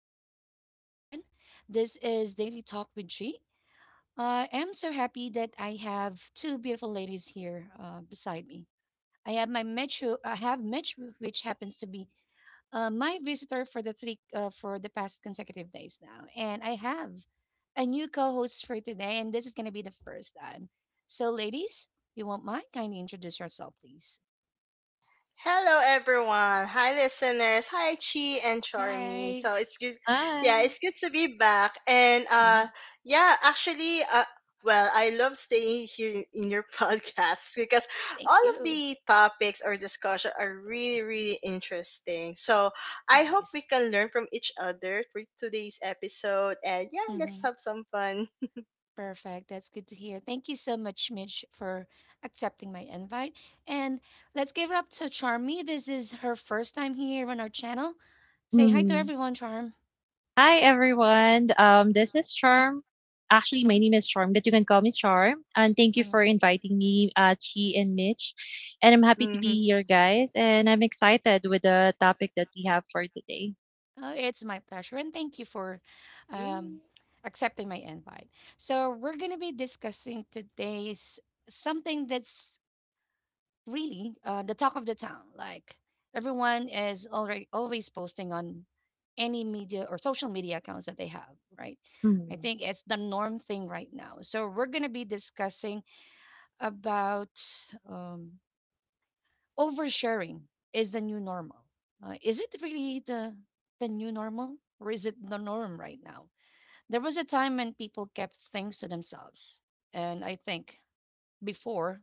channel again, once again. This is Daily Talk with G. I am so happy that I have two beautiful ladies here beside me. I have Metro, which happens to be my visitor for the three for the past consecutive days now, and I have a new co-host for today, and this is going to be the first time. So, ladies, you won't mind? Kindly introduce yourself, please. Hello, everyone. Hi, listeners. Hi, Chi and Charmy. Hi. So it's good. Hi. Yeah, it's good to be back. And Mhm. uh, yeah, actually, well, I love staying here in your podcast because Thank all of you. the topics or discussion are really, really interesting. So I hope Nice. we can learn from each other for today's episode. And yeah, Mm-hmm. let's have some fun. Perfect. That's good to hear. Thank you so much, Mitch, for accepting my invite. And let's give it up to Charmy. This is her first time here on our channel. Say hi to Mhm. everyone, Charm. Hi, everyone. This is Charm. Actually, my name is Charm, but you can call me Charm. And thank you for Mm. inviting me, Chi and Mitch. And I'm happy to be Mm-hmm. here, guys. And I'm excited with the topic that we have for today. Oh, it's my pleasure, and thank you for um, mm accepting my invite. So, we're going to be discussing today's something that's really the talk of the town. Like everyone is already always posting on any media or social media accounts that they have, right? I Mhm. think it's the norm thing right now. So we're going to be discussing about um, oversharing is the new normal. Is it really the new normal, or is it the norm right now? There was a time when people kept things to themselves, and I think before,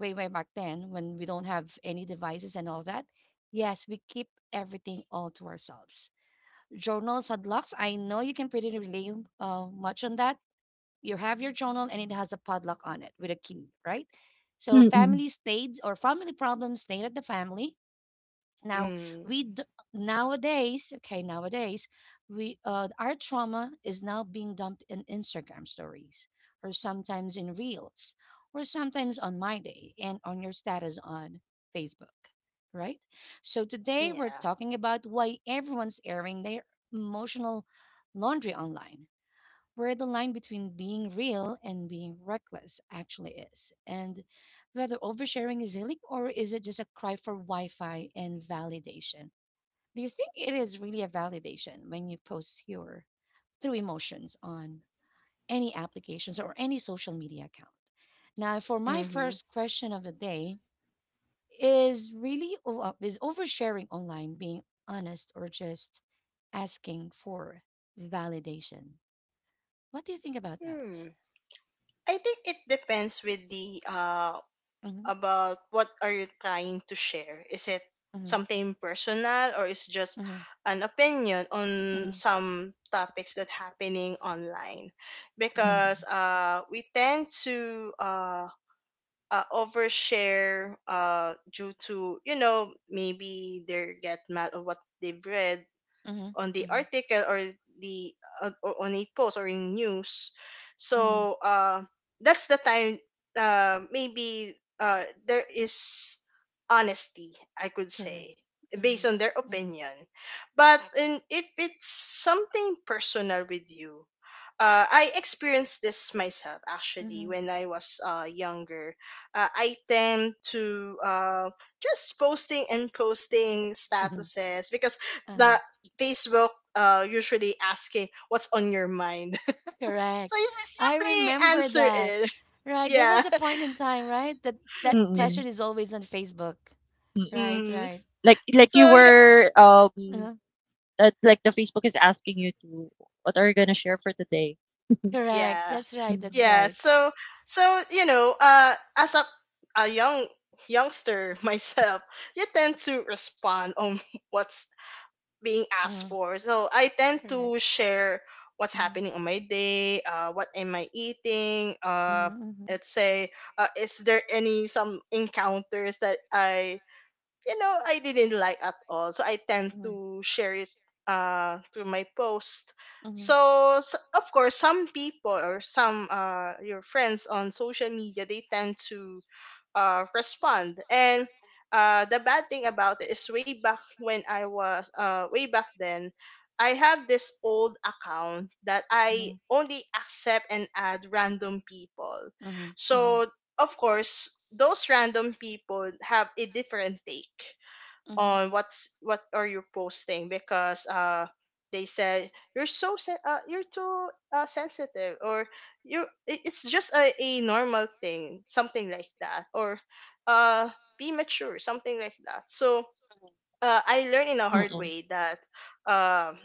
way back then, when we don't have any devices and all that, yes, we keep everything all to ourselves. Journals had locks. I know you can pretty relate much on that. You have your journal and it has a padlock on it with a key, right? So Mm-mm. family stayed, or family problems stayed at the family. Now, mm. we d- nowadays, okay, nowadays, we our trauma is now being dumped in Instagram stories, or sometimes in reels, or sometimes on my day and on your status on Facebook, right? So today we're Yeah. talking about why everyone's airing their emotional laundry online, where the line between being real and being reckless actually is, and whether oversharing is healing or is it just a cry for Wi Fi and validation. Do you think it is really a validation when you post your true emotions on any applications or any social media account? Now, for my Mm-hmm. first question of the day, is really is oversharing online being honest or just asking for validation? What do you think about that? Hmm. I think it depends with the Mm-hmm. about what are you trying to share. Is it Mhm, something personal or is just mhm, an opinion on mhm, some topics that happening online? correct. Mhm. Because we tend to overshare due to, you know, maybe they get mad of what they've read Mhm, on the mhm, article or the or on a post or in news, mhm, so that's the time, maybe there is honesty, I could correct, say, based on their correct. opinion. But if it's something personal with you, I experienced this myself actually Mhm, when I was younger. I tend to just posting and posting mm, statuses because the Facebook usually asking what's on your mind. So correct. you simply answer it. Right. There Yeah. was a point in time, right? That that Yeah. Mhm. question is always on Facebook. Mm-mm. Right, Mm. right. Like, like you So yeah, were, um, Mm. like the Facebook is asking you to, what are you gonna share for today? Correct. yeah, That's right. That's Mhm. yeah. right. So, you know, as a young youngster myself, you tend to respond on what's being asked Mm. for. So I tend Correct. to share what's Mhm, happening on my day, what am I eating, mhm, mhm, let's say, is there any some encounters that I didn't like at all. So I tend to share it through my post. mhm, So of course, some people or some, your friends on social media, they tend to, respond. And, the bad thing about it is way back when I was, way back then, I have this old account that I only accept and add random people. mhm, mhm, So of course, those random people have a different take mhm. on what are you posting, because they said you're you're too sensitive, or it's just a normal thing, something like that, or uh be mature, something like that. So, I learned in a hard Mm-mm. way that, um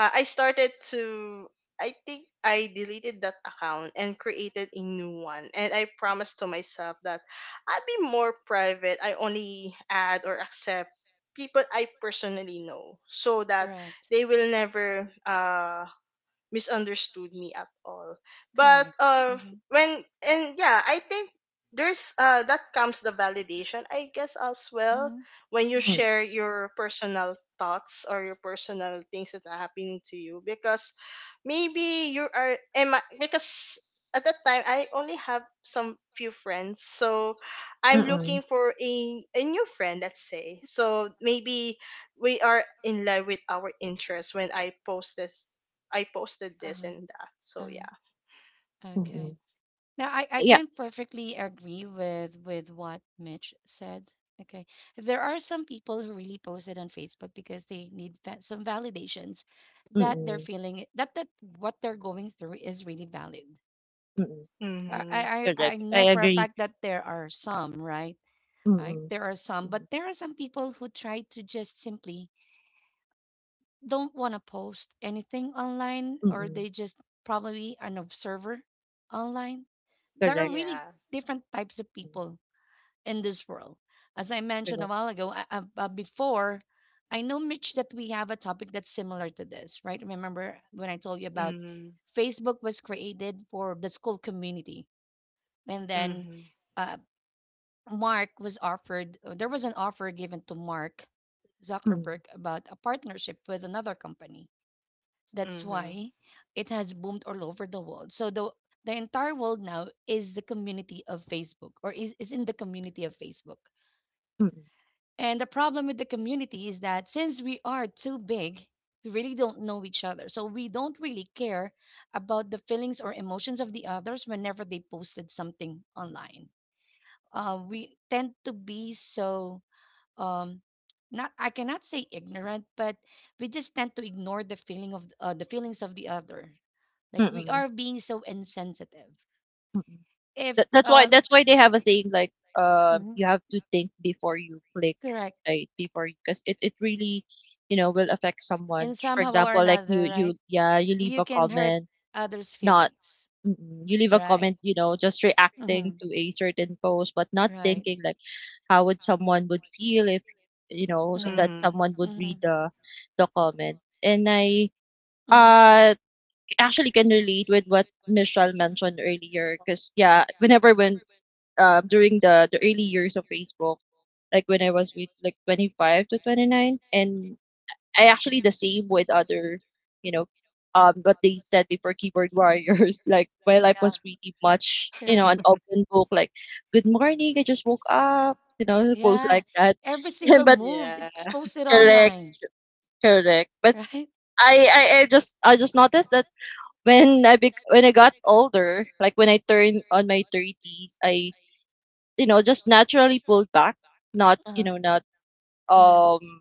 I started to I think I deleted that account and created a new one, and I promised to myself that I'll be more private. I only add or accept people I personally know, so that they will never misunderstood me at all. But Correct. Mhm, when and yeah, I think there's that comes the validation, I guess, as well, when you mhm. Mm-mm. share your personal thoughts or your personal things that are happening to you because, maybe you are am I, because at that time I only have some few friends, so I'm Mhm. looking for a new friend, let's say, so maybe we are in line with our interests when I posted this and that. So yeah. Okay. Mhm. Now, I Yeah. can perfectly agree with what Mitch said. Okay, there are some people who really post it on Facebook because they need some validations that they're Mhm. That what they're going through is really valid. I I Mhm. I I Correct, I know for a agree. fact that there are some, right? Right, Mm. there are some, but Mm. there are some people who try to just simply don't want to post anything online, or Mm. they just probably an observer online. There are Correct. really Yeah. different types of Mm. people in this world. As I mentioned a Correct. while ago, before, I know, Mitch, that we have a topic that's similar to this, right? Remember when I told you about Mhm. Facebook was created for the school community, and then Mhm. uh, Mark was offered, there was an offer given to Mark Mm. Zuckerberg about a partnership with another company. That's Mhm. why it has boomed all over the world. So the entire world now is the community of Facebook, or is in the community of Facebook. Mm. And the problem with the community is that since we are too big, we really don't know each other. So we don't really care about the feelings or emotions of the others whenever they posted something online. We tend to be so um, not, I cannot say ignorant, but we just tend to ignore the feeling of the feelings of the other. Like we Mm. are being so insensitive. Mm. If That, that's why that's why they have a saying, like, hmm you have to think before you click, correct, right? Before, because it really, will affect someone. For how or example, like you another, you right? yeah, you leave You a can hurt comment, others, not — Mm, you leave a right? comment, just reacting to a certain post, but not thinking like how would someone would feel if that Mhm. someone would read the comment. And I Mhm. uh actually can relate with what Michelle mentioned earlier, because yeah, whenever when during the early years of Facebook, like when I was with like 25 to 29, and I actually the same with other, you know, what they said before, keyboard warriors. Like my life was pretty much, an open book. Like, good morning, I just woke up. Post Yeah. like that. Every single But moves, Yeah. it's posted correct, online, correct. But right? I just noticed that when when I got older, like when I turned on my thirties, I, just naturally pulled back. Not, you Uh-huh. know, not Hmm. um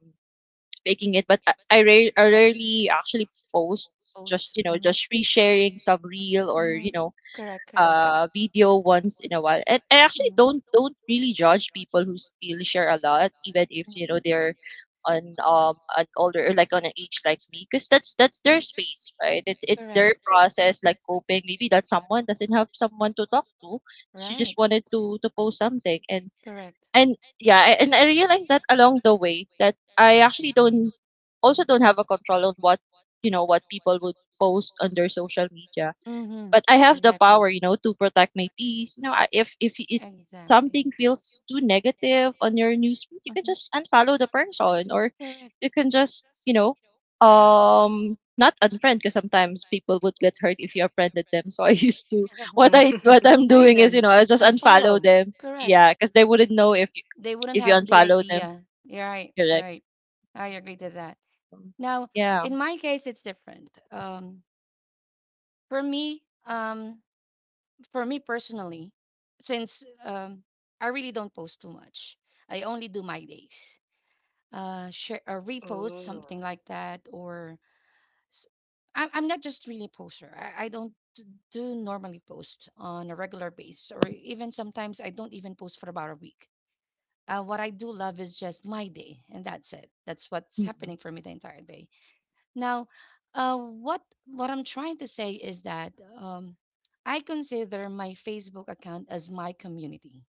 making it, but I rarely actually post — just Post. you know Hmm. just resharing some reel, or you Hmm. know Correct, correct. Video once in a while. And I Hmm. actually Mhm. don't really judge people who still share a lot, even if they're on an older, or like on an age like me, because that's their space, right? It's their Correct. process, like coping. Maybe that someone doesn't have someone to talk to, she Right. just wanted to post something. and Correct. and yeah, I realized that along the way that I actually don't also don't have a control on what people would post on their social media. Mm-hmm. But I have the power, Exactly. To protect my peace. You know, I- if it something Exactly. feels too negative on your newsfeed, you can just unfollow the person, or Correct. you can just, not unfriend, because sometimes people would get hurt if you unfriended them. So I used to what I what I'm Mhm. doing is, I just unfollow them, yeah, because they wouldn't know if They wouldn't if you have the unfollow them, idea. Yeah, right, correct. right. I agree to that. Mm. Now, Yeah. in my case, it's different. For me, for me personally, since I really don't post too much, I only do my days. Share, repost Ooh. something like that, or s- I'm not just really a poster. I don't do normally post on a regular basis, or even sometimes I don't even post for about a week. What I do love is just my day, and that's it. That's what's Mm. happening for me the entire day. Now, what I'm trying to say is that um, I consider my Facebook account as my community,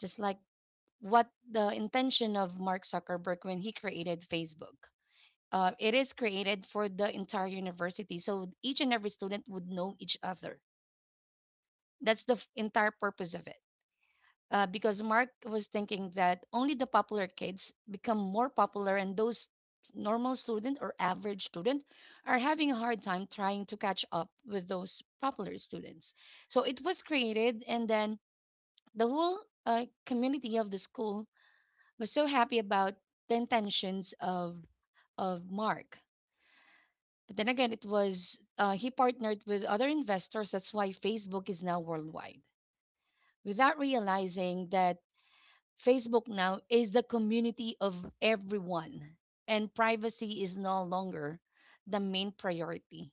just like what the intention of Mark Zuckerberg when he created Facebook. It is created for the entire university, so each and every student would know each other. That's the entire purpose of it. Because Mark was thinking that only the popular kids become more popular, and those normal student or average student are having a hard time trying to catch up with those popular students. So it was created, and then the whole community of the school was so happy about the intentions of Mark. But then again, it was he partnered with other investors. That's why Facebook is now worldwide. Without realizing that Facebook now is the community of everyone, and privacy is no longer the main priority.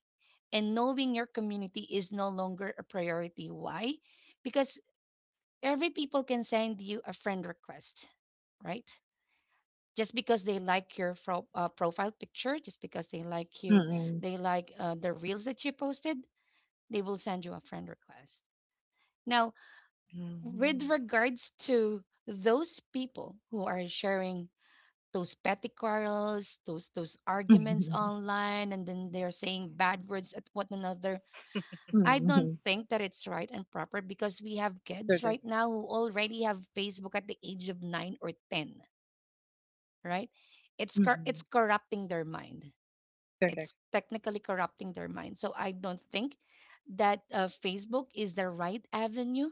And knowing your community is no longer a priority. Why? Because every people can send you a friend request, right? Just because they like your profile picture, just because they like you, Mm. they like the reels that you posted, they will send you a friend request. Now, with Mhm. regards to those people who are sharing those petty quarrels, those arguments online, and then they're saying bad words at one another, I don't Mm. think that it's right and proper, because we have kids Correct. right now who already have Facebook at the age of nine or ten, right? It's Mm. corrupting their mind. It's Correct. technically corrupting their mind. So I don't think that Facebook is the right avenue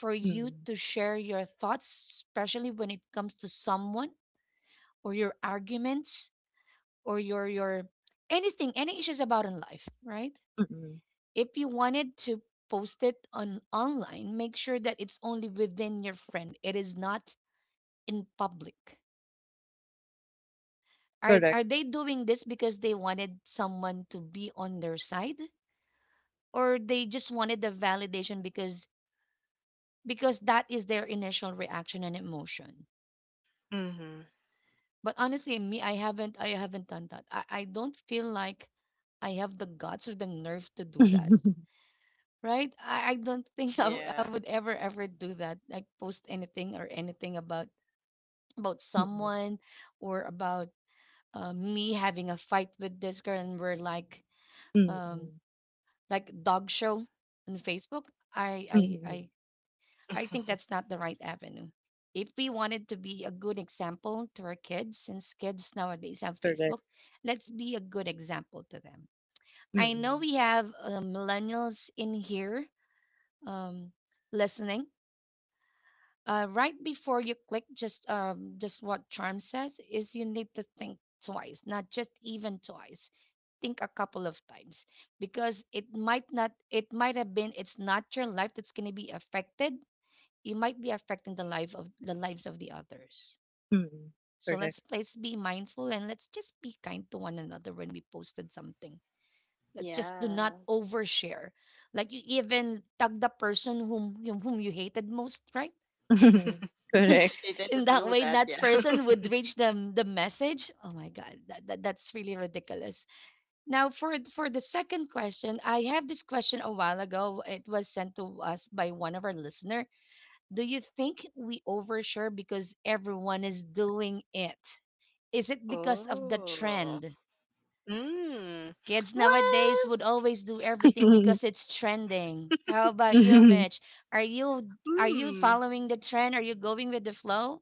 for you Mm. to share your thoughts, especially when it comes to someone, or your arguments, or your anything, any issues about in life, right? Mm. If you wanted to post it on online, make sure that it's only within your friend. It is not in public. Correct. Are they doing this because they wanted someone to be on their side, or they just wanted the validation because that is their initial reaction and emotion? Mhm. But honestly, me, I haven't done that. I don't feel like I have the guts or the nerve to do that, right? I don't think I Yeah. would ever ever do that, like post anything, or anything about Mm. someone, or about me having a fight with this girl, and we're um Mm. like dog show on Facebook. i i Mm. i I think that's not the right avenue. If we wanted to be a good example to our kids, since kids nowadays have Correct. Facebook, let's be a good example to them. I know Mm. we have millennials in here um, listening. Right before you click, just what Charm says is you need to think twice, not just even twice. Think a couple of times, because it might not, it might have been, it's not your life that's going to be affected, you might be affecting the life of the lives of the others. Mm. So Correct. let's please be mindful, and let's just be kind to one another when we posted something. Let's just do not Yeah. overshare. Like you even tag the person whom whom you hated most, right? Correct. They In didn't that do way, that. that Yeah. person would reach them the message. Oh my god, that's really ridiculous. Now, for the second question, I have this question a while ago. It was sent to us by one of our listener. Do you think we overshare because everyone is doing it? Is it because of the Oh. trend? Mm. Kids nowadays Well. would always do everything because it's trending. How about you, Mm. Mitch? Are you are you Hmm. following the trend? Are you going with the flow?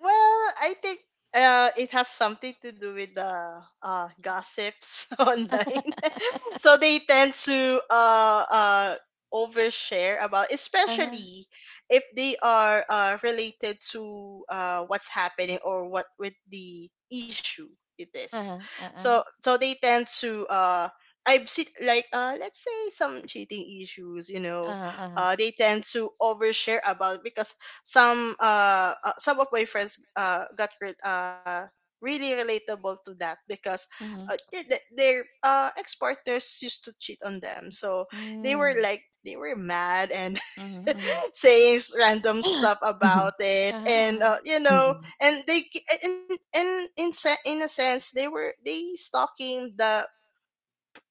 Well, I think, it has something to do with the, gossips online. So they tend to overshare about, especially if they are, related to, what's happening, or what with the issue it is. So they tend to. I've seen like, let's say, some cheating issues, you know, Uh-huh. They tend to overshare about because some of my friends really relatable to that, because their ex-partners used to cheat on them. So they were, Mm. like, they were mad and Mm-hmm. Mm-hmm. saying random stuff about it, and Mm. and in in a sense they were they stalking the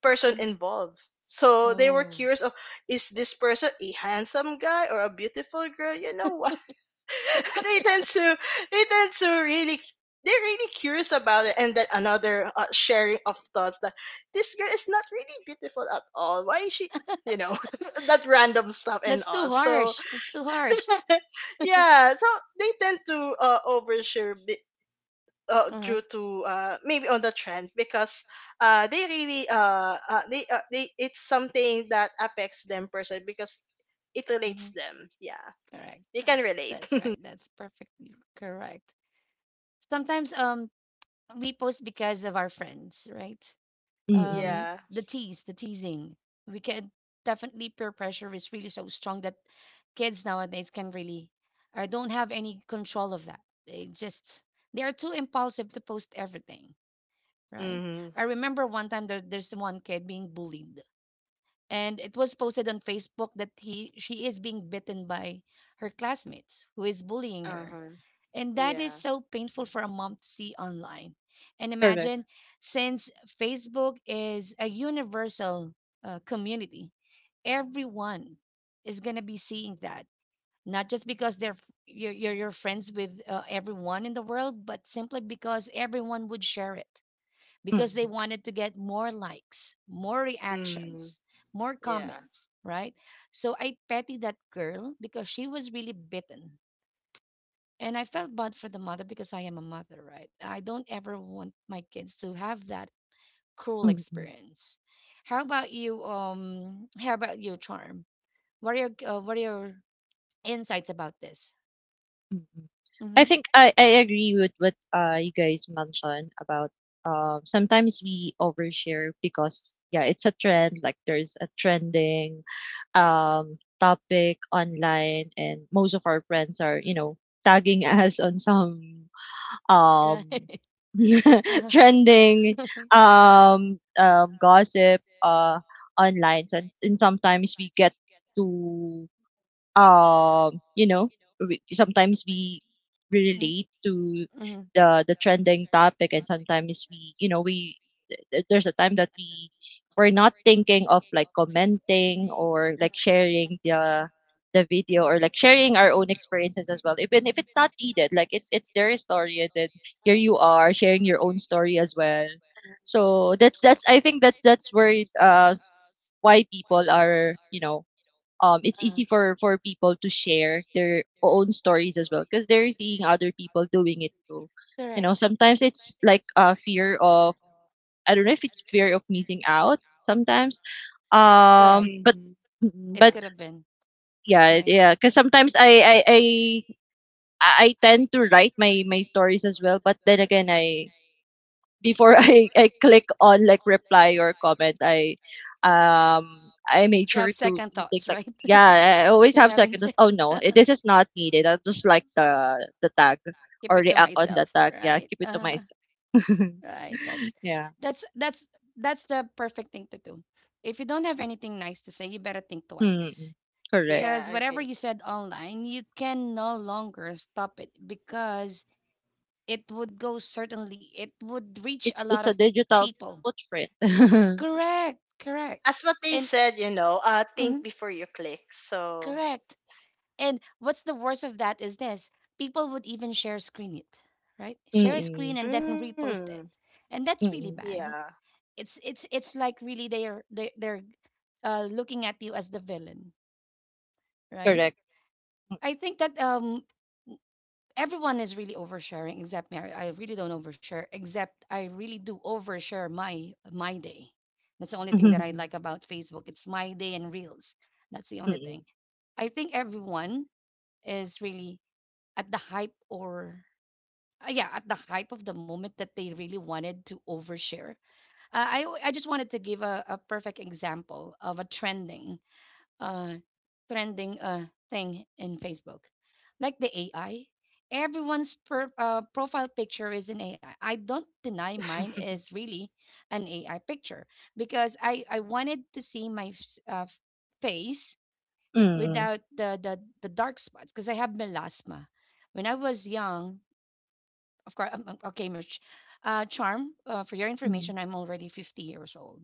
person involved. So they were curious of, is this person a handsome guy or a beautiful girl, they tend to they tend to, really, they're really curious about it. And then another, sharing of thoughts that this girl is not really beautiful at all, why is she, you know, that random stuff and all. So It's too harsh. yeah, so they tend to overshare due Uh-huh. to, maybe on the trend, because they really, they, it's something that affects them personally because it relates them, yeah, they can Um, relate. right. That's perfectly correct. Sometimes we post because of our friends, right? Mm. Yeah. The tease, the teasing. We can Definitely peer pressure is really so strong that kids nowadays can really or don't have any control of that. They just they are too impulsive to post everything, right? Mhm. I remember one time there's one kid being bullied and it was posted on Facebook that he she is being bitten by her classmates who is bullying her. Uh-huh. And that is Yeah. so painful for a mom to see online. And Correct. imagine, since Facebook is a universal community, everyone is going to be seeing that. Not just because they're f- you're friends with everyone in the world, but simply because everyone would share it because they Mm. wanted to get more likes, more Mm. reactions, more Yeah. comments, right? So I pity that girl because she was really bitten and I felt bad for the mother because I am a mother, right? I don't ever want my kids to have that cruel Mm. experience. How about you? How about you, Charm? What are your insights about this? Mm. I Mm-hmm. think I agree with what you guys mentioned about sometimes we overshare because, yeah, it's a trend, like there's a trending topic online, and most of our friends are tagging us on some Right. um, trending gossip online, and sometimes we get to um, you know, sometimes we relate to Mm-hmm. the trending topic, and sometimes we, you know, we th- there's a time that we're not thinking of, like, commenting or like Mm-hmm. sharing the video, or like sharing our own experiences as well, even if it's not needed. Like, it's their story, and then here you are sharing your own story as well. So that's I think that's where why people are, it's Uh, easy for people to share their own stories as well because they're seeing other people doing it too. Correct. Sometimes it's like a fear of — I don't know if it's fear of missing out sometimes. um but Hmm. mm, It but Yeah. could have been yeah, right. yeah, because sometimes I i i I tend to write my stories as well. But then again, I, before I click on, like, reply or comment, I made sure to Second to think, thoughts, like, right? yeah, I always You're have having. second thoughts. se- Oh no, this is not needed. I'll just like the tag Keep or it to react on the myself, tag. Yeah, keep it to myself. right? Yeah. that's that's that's the perfect thing to do. If you don't have anything nice to say, you better think Mm-mm. twice, Correct. Yeah, because I whatever agree. you said online you can no longer stop it, because it would go certainly it would reach a It's lot it's of a digital people. footprint. Correct, correct, As what they and said, you know, think hmm before you click. So correct. And what's the worst of that is this, people would even share screen it, right? Share a Mm-mm. screen and then repost mm. it. And that's really Mm-mm. Yeah. bad. It's like really they're looking at you as the villain, right? Correct. I think that everyone is really oversharing except me. I really don't overshare, except I really do overshare my day. That's the only thing that I Mm-mm. like about Facebook, it's my day and reels. That's the only thing. I think everyone is really at the hype, or yeah, at the hype of the moment, that they really wanted to overshare. I just wanted to give a perfect example of a trending uh, thing in Facebook, like the AI. Everyone's profile picture is an AI. I don't deny mine is really an AI picture because I wanted to see my face Mm-mm. without the dark spots because I have melasma. When I was young, of course, okay, Charm, for your Mm-mm. information, I'm already 50 years old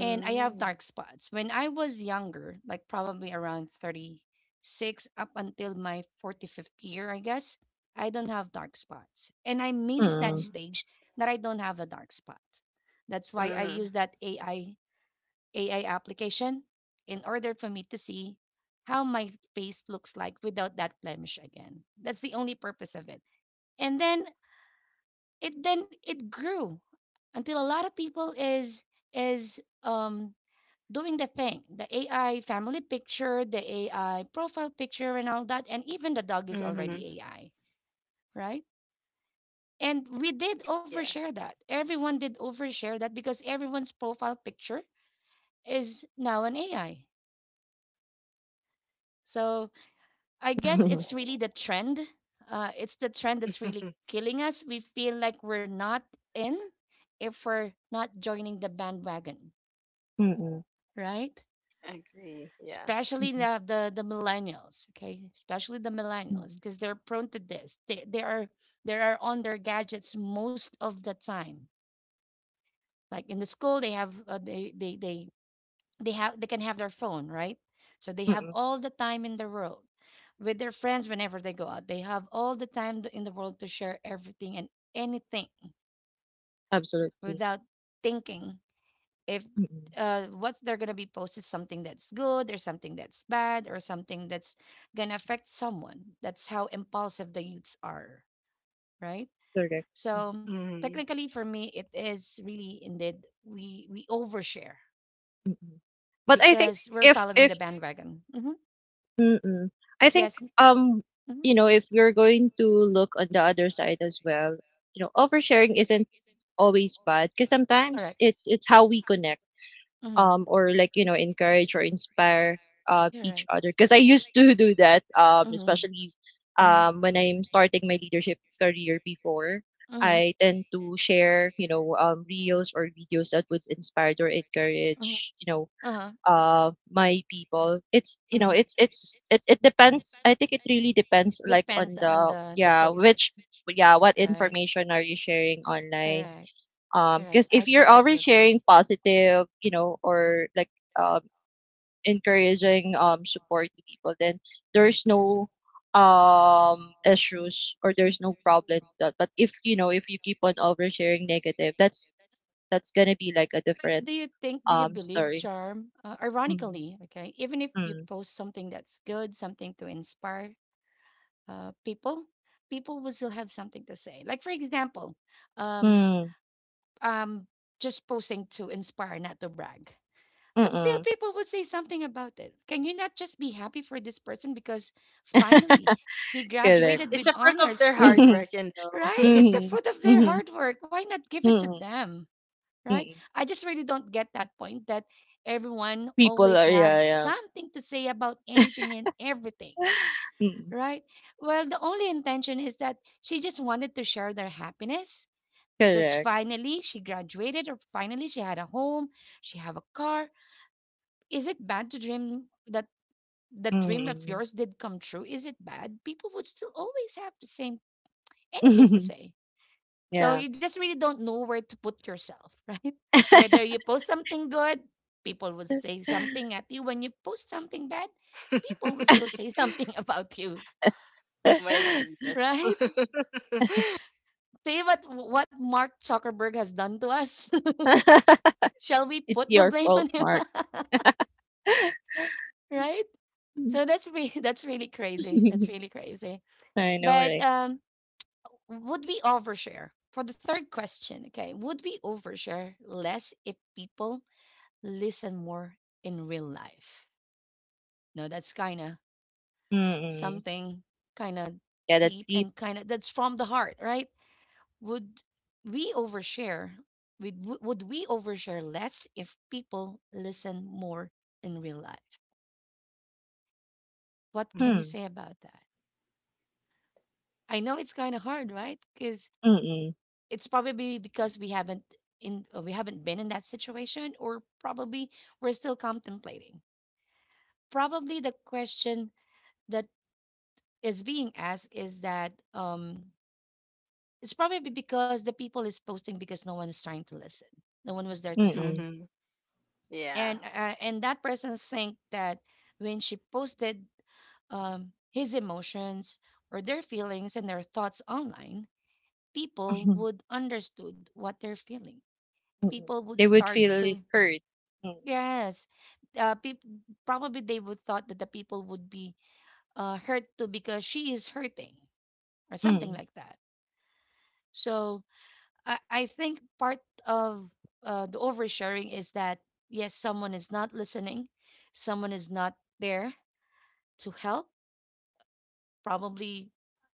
and I have dark spots. When I was younger, like probably around 36 up until my 45th year, I guess, I don't have dark spots. And I miss that Mm-mm. Mm. stage that I don't have a dark spot. That's why I Mm-hmm. use that AI application in order for me to see how my face looks like without that blemish again. That's the only purpose of it. And then it grew until a lot of people is is um doing the thing, the AI family picture, the AI profile picture, and all that. And even the dog is Mm-hmm. already AI, right? And we did Yeah. overshare that. Everyone did overshare that, because everyone's profile picture is now an AI. So I guess it's really the trend. It's the trend that's really killing us. We feel like we're not in if we're not joining the bandwagon, Mm-mm. right? Agree. Yeah. Especially Mm-mm. The millennials, okay, especially the millennials, Mm-mm. because they're prone to this. They are they are on their gadgets most of the time. Like in the school, they have they have they can have their phone, right? So they have Mm-mm. all the time in the world with their friends. Whenever they go out, they have all the time in the world to share everything and anything, Absolutely. without thinking if what's they're gonna be posted, something that's good or something that's bad or something that's gonna affect someone. That's how impulsive the youths are, right? Correct. Mm. So Mm. technically, for me, it is really indeed we overshare Mm. Mm. But I think because if mm-hmm, Mm-mm. I think yes, um mm-hmm, if we're going to look on the other side as well, you know, oversharing isn't always bad because sometimes it's how we connect, mm-hmm, or, like, you know, encourage or inspire you're each right, other, because I used to do that, mm-hmm, especially mm-hmm, when I'm starting my leadership career before. I tend to share reels or videos that would inspire or encourage, you know, uh-huh. My people. It's, you know, it depends. I think it really depends, like, on the — the yeah, per- which — yeah, what on information are you sharing online, Correct. Because if you're already sharing positive, or like, um encouraging, support to people, then there's no issues, or there's no problem with that. But if, if you keep on oversharing negative, that's gonna be like a different Do you think, do you believe, story. Charm? Mm-hmm. Ironically, okay, even if you post something that's good, something to inspire people, people will still have something to say. Like, for example, um, Mm-hmm. um, just posting to inspire, not to brag. But still, Mm. people would say something about it. Can you not just be happy for this person because finally he Correct. graduated It's with a part of honors? their Fine, hard work, you know. right? It's the Mhm. fruit of their Mhm. hard work. Why not give it to Mhm. them, Mm. right? Mm. I just really don't get that point, that everyone People always are, have yeah, yeah. something to say about anything and everything, Mm. right? Well, the only intention is that she just wanted to share their happiness, because Correct. finally she graduated, or finally she had a home, she have a car. Is it bad to dream that that dream of Mm. yours did come true? Is it bad? People would still always have the same anything to say. So Yeah. you just really don't know where to put yourself, right? Whether you post something good, people would say something at you. When you post something bad, people would still say something about you, Oh my goodness. right? See what Mark Zuckerberg has done to us. Shall we It's put the your blame fault, on him, Mark. right? That's really crazy. That's really crazy. I know, But right? Would we overshare? For the third question, okay, would we overshare less if people listen more in real life? No, that's kind of Mm-mm. something kind of Yeah, that's deep, deep. and kind of that's from the heart, right? Would we overshare? Would we overshare less if people listen more in real life? What can Mm-hmm. you Hmm. say about that? I know it's kind of hard, right? Because Mm-mm. it's probably because we haven't in we or probably we're still contemplating. Probably the question that is being asked is that it's probably because the people is posting because no one is trying to listen. No one was there to help, Mm-mm. Yeah. And that person think that when she posted his emotions or their feelings and their thoughts online, people would understood what they're feeling. Mm-mm. People would They would start feel to hurt. Mm. yes, peop probably they would thought that the people would be hurt too, because she is hurting or something Mm. like that. So I think part of the oversharing is that, yes, someone is not listening, someone is not there to help, probably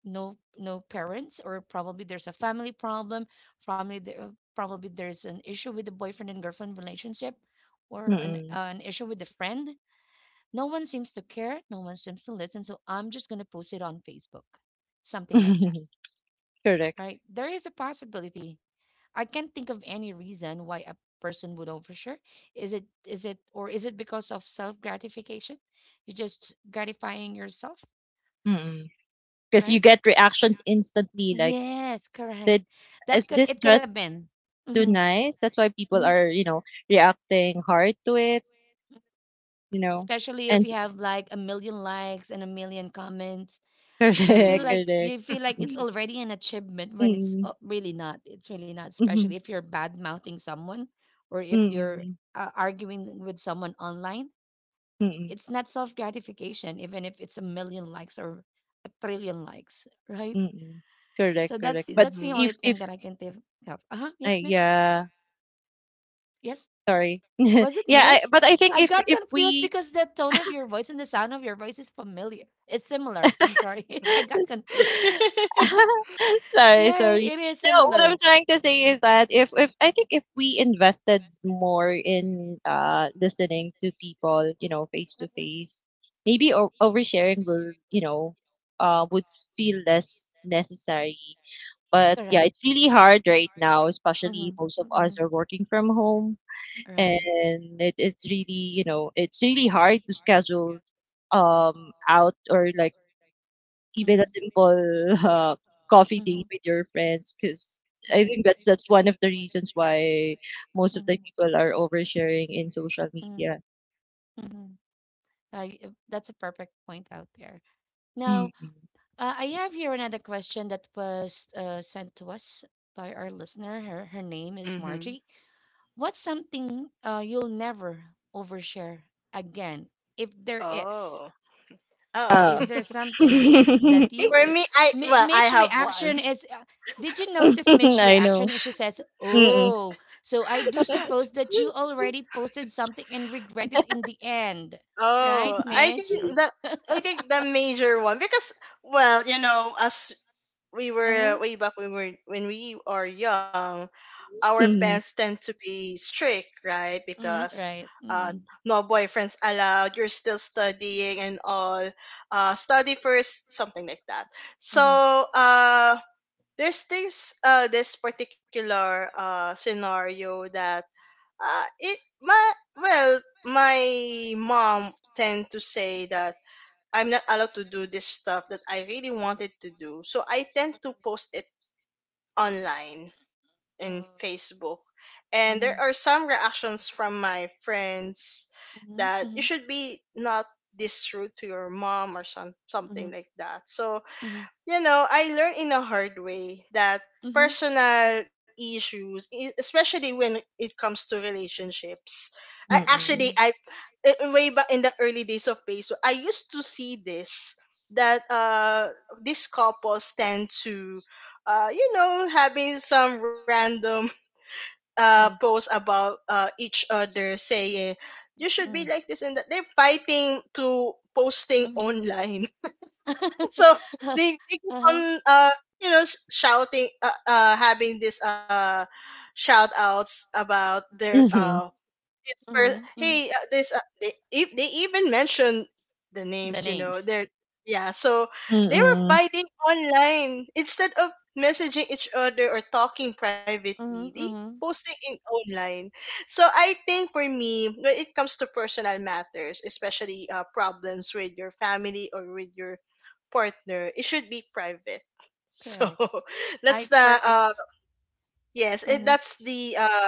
no parents, or probably there's a family problem, probably there probably there's an issue with the boyfriend and girlfriend relationship, or Mm-mm. An issue with a friend. No one seems to care, no one seems to listen, so I'm just going to post it on Facebook, something like that, Correct. right? There is a possibility. I can't think of any reason why a person would overshare. Is it or is it because of self gratification? You're just gratifying yourself, Mm-mm. Because you right? get reactions instantly, like — Yes, correct. Did That is could this dress end. too hmm nice? That's why hmm people are, reacting hard to it, you know. Especially And if s you have like a million likes and a million comments, Correct, Mm-hmm. Correct. you feel like it's already an achievement, when it's Mm, really not. It's really not, especially mhm, if you're bad mouthing someone, or if you're mm, arguing with someone online. mm, It's not self gratification, even if it's a million likes, or a trillion likes, right? mm. Correct, So that's correct. But that's the only thing if that I can think of. Uh huh. Yes, Mitch. yeah, Yes. sorry. Was it Yeah, I Mitch? but I think I got if confused we — because the tone of your voice and the sound of your voice is familiar. It's similar. I'm sorry. I got confused. Sorry, Yeah, sorry. it is No, what I'm similar. trying to say is that, if I think if we invested more in listening to people, you know, face to face, maybe o oversharing would feel less necessary. But yeah, Correct. It's it's really hard right now, Mm-hmm. especially most of Mm-hmm. us are working from home, Right. and it is really, it's really hard to schedule out, or like even a Mm-hmm. simple uh, coffee Mm-hmm. date with your friends, because I Right. think that's one of the reasons why most of the Mm-hmm. people are oversharing in social media. Mm-hmm. That's a perfect point out there. Now, Mm. I have here another question that was sent to us by our listener. Her name is Mm-hmm. Margie. What's something you'll never overshare again, if there is? Oh. Oh. Yeah. Is there something that you For me, I, Mi- well, I Mitch have one. reaction is did you notice Mitch I reaction know. is she says, Mm-mm. "Oh, so I do suppose that you already posted something and regret it in the end." Oh, I think that, I think the major one, because, well, you know, as we were Uh-huh. way back when we were when we are young, our parents Mm-mm. tend to be strict, right? Mm, Because, right. uh, Mm, no boyfriends allowed. You're still studying and all. Study first, something like that. So, mm-hmm, uh, there's this this particular scenario that, it my well, my mom tend to say that I'm not allowed to do this stuff that I really wanted to do, so I tend to post it online in Facebook, and there mm-hmm. are some reactions from my friends that you Mhm, should be not this rude to your mom, or some something mhm, like that. So, mhm, you know, I learned in a hard way that mhm, personal issues, especially when it comes to relationships, I mhm, actually mhm, I- way back in the early days of Facebook, I used to see this, that these couples tend to you know, having some random mhm, posts about each other, saying, you should be mhm, like this and that, they're fighting to posting mhm. online. So Huh, they keep on uh-huh, you know, shouting, having this shout outs about their, Mm-mm. it's for, mhm, mhm. hey, this they they even mentioned the The names, you know, names. they're, yeah, so Mm-mm. they were Mm-mm. fighting online instead of messaging each other or talking privately, Mm-hmm, they mm-hmm. posting in online. So I think for me, when it comes to personal matters, especially, problems with your family or with your partner, it should be private so Correct. that's I the, perfect. Yes it, that's the,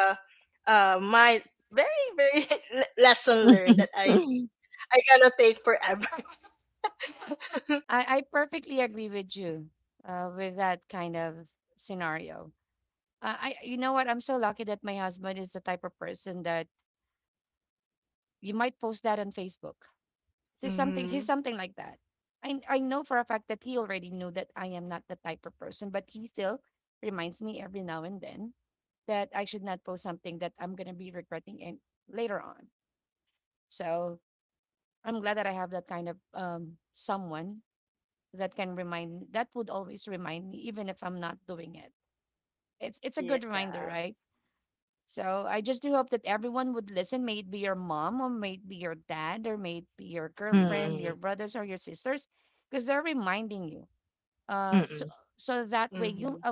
my very, very lesson learned that I gonna take forever. I perfectly agree with you with that kind of scenario. I you know what? I'm so lucky that my husband is the type of person that you might post that on Facebook. Mm-hmm. He's something like that. I know for a fact that he already knew that I am not the type of person, but he still reminds me every now and then that I should not post something that I'm gonna be regretting and later on. So I'm glad that I have that kind of someone that can remind, that would always remind me even if I'm not doing it. It's a good Yeah. reminder, right? So I just do hope that everyone would listen, may it be your mom or may it be your dad or may it be your Mm-mm. girlfriend, your Mm-mm. brothers or your sisters, because they're reminding you. Uh to, Mm-mm. so that way Mm-hmm. you might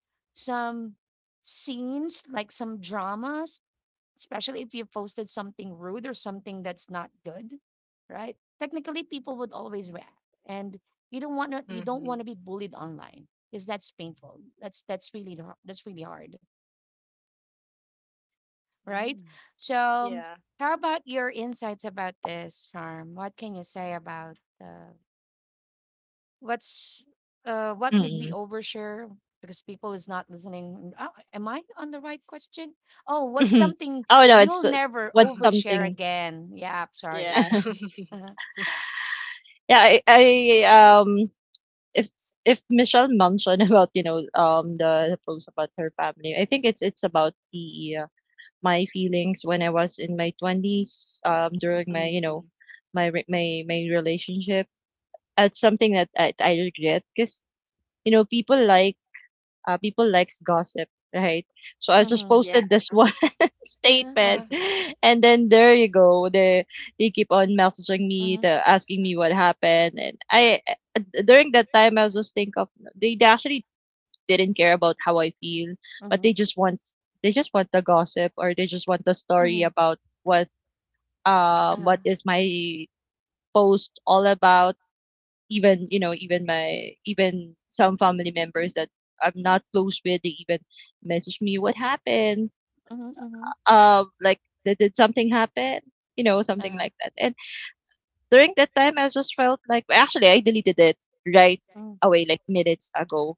avoid some scenes like some junk that's not good, right? Technically people would always react. And you don't Mm-hmm. want to be bullied online because that's painful. That's really hard, right? Mm. So, Yeah. how about your insights about this, Charm? What can you say about what's what would we Mm-mm. overshare because people is not listening? Oh, am I on the right question? Oh, what's something Oh no, you'll it's, never what's overshare something. again? Yeah, I'm Yeah. sorry. Uh-huh. Yeah, I um if if Michelle mentioned about, the post about her family, I think it's about the my feelings when I was in my twenties, during my, you know, Mm-hmm. my re- my relationship. That's something that I regret, because, you know people like people likes gossip, right? So I just Mm-hmm. Yeah. posted this one Uh-huh. statement, Uh-huh. and then there you go, they keep on messaging me, Mhm, asking me what happened. And I during that time I was just think of — they actually didn't care about how I feel, but mhm, they just want the gossip, or they just want the story mhm, about what um uh-huh, what is my post all about. Even, you know even my even some family members that I'm not close with, they even message me what happened, mhm, mhm, like, did something happen, you know, something uh-huh, like that. And during that time I just felt like — actually, I deleted it right mm, away, like minutes ago —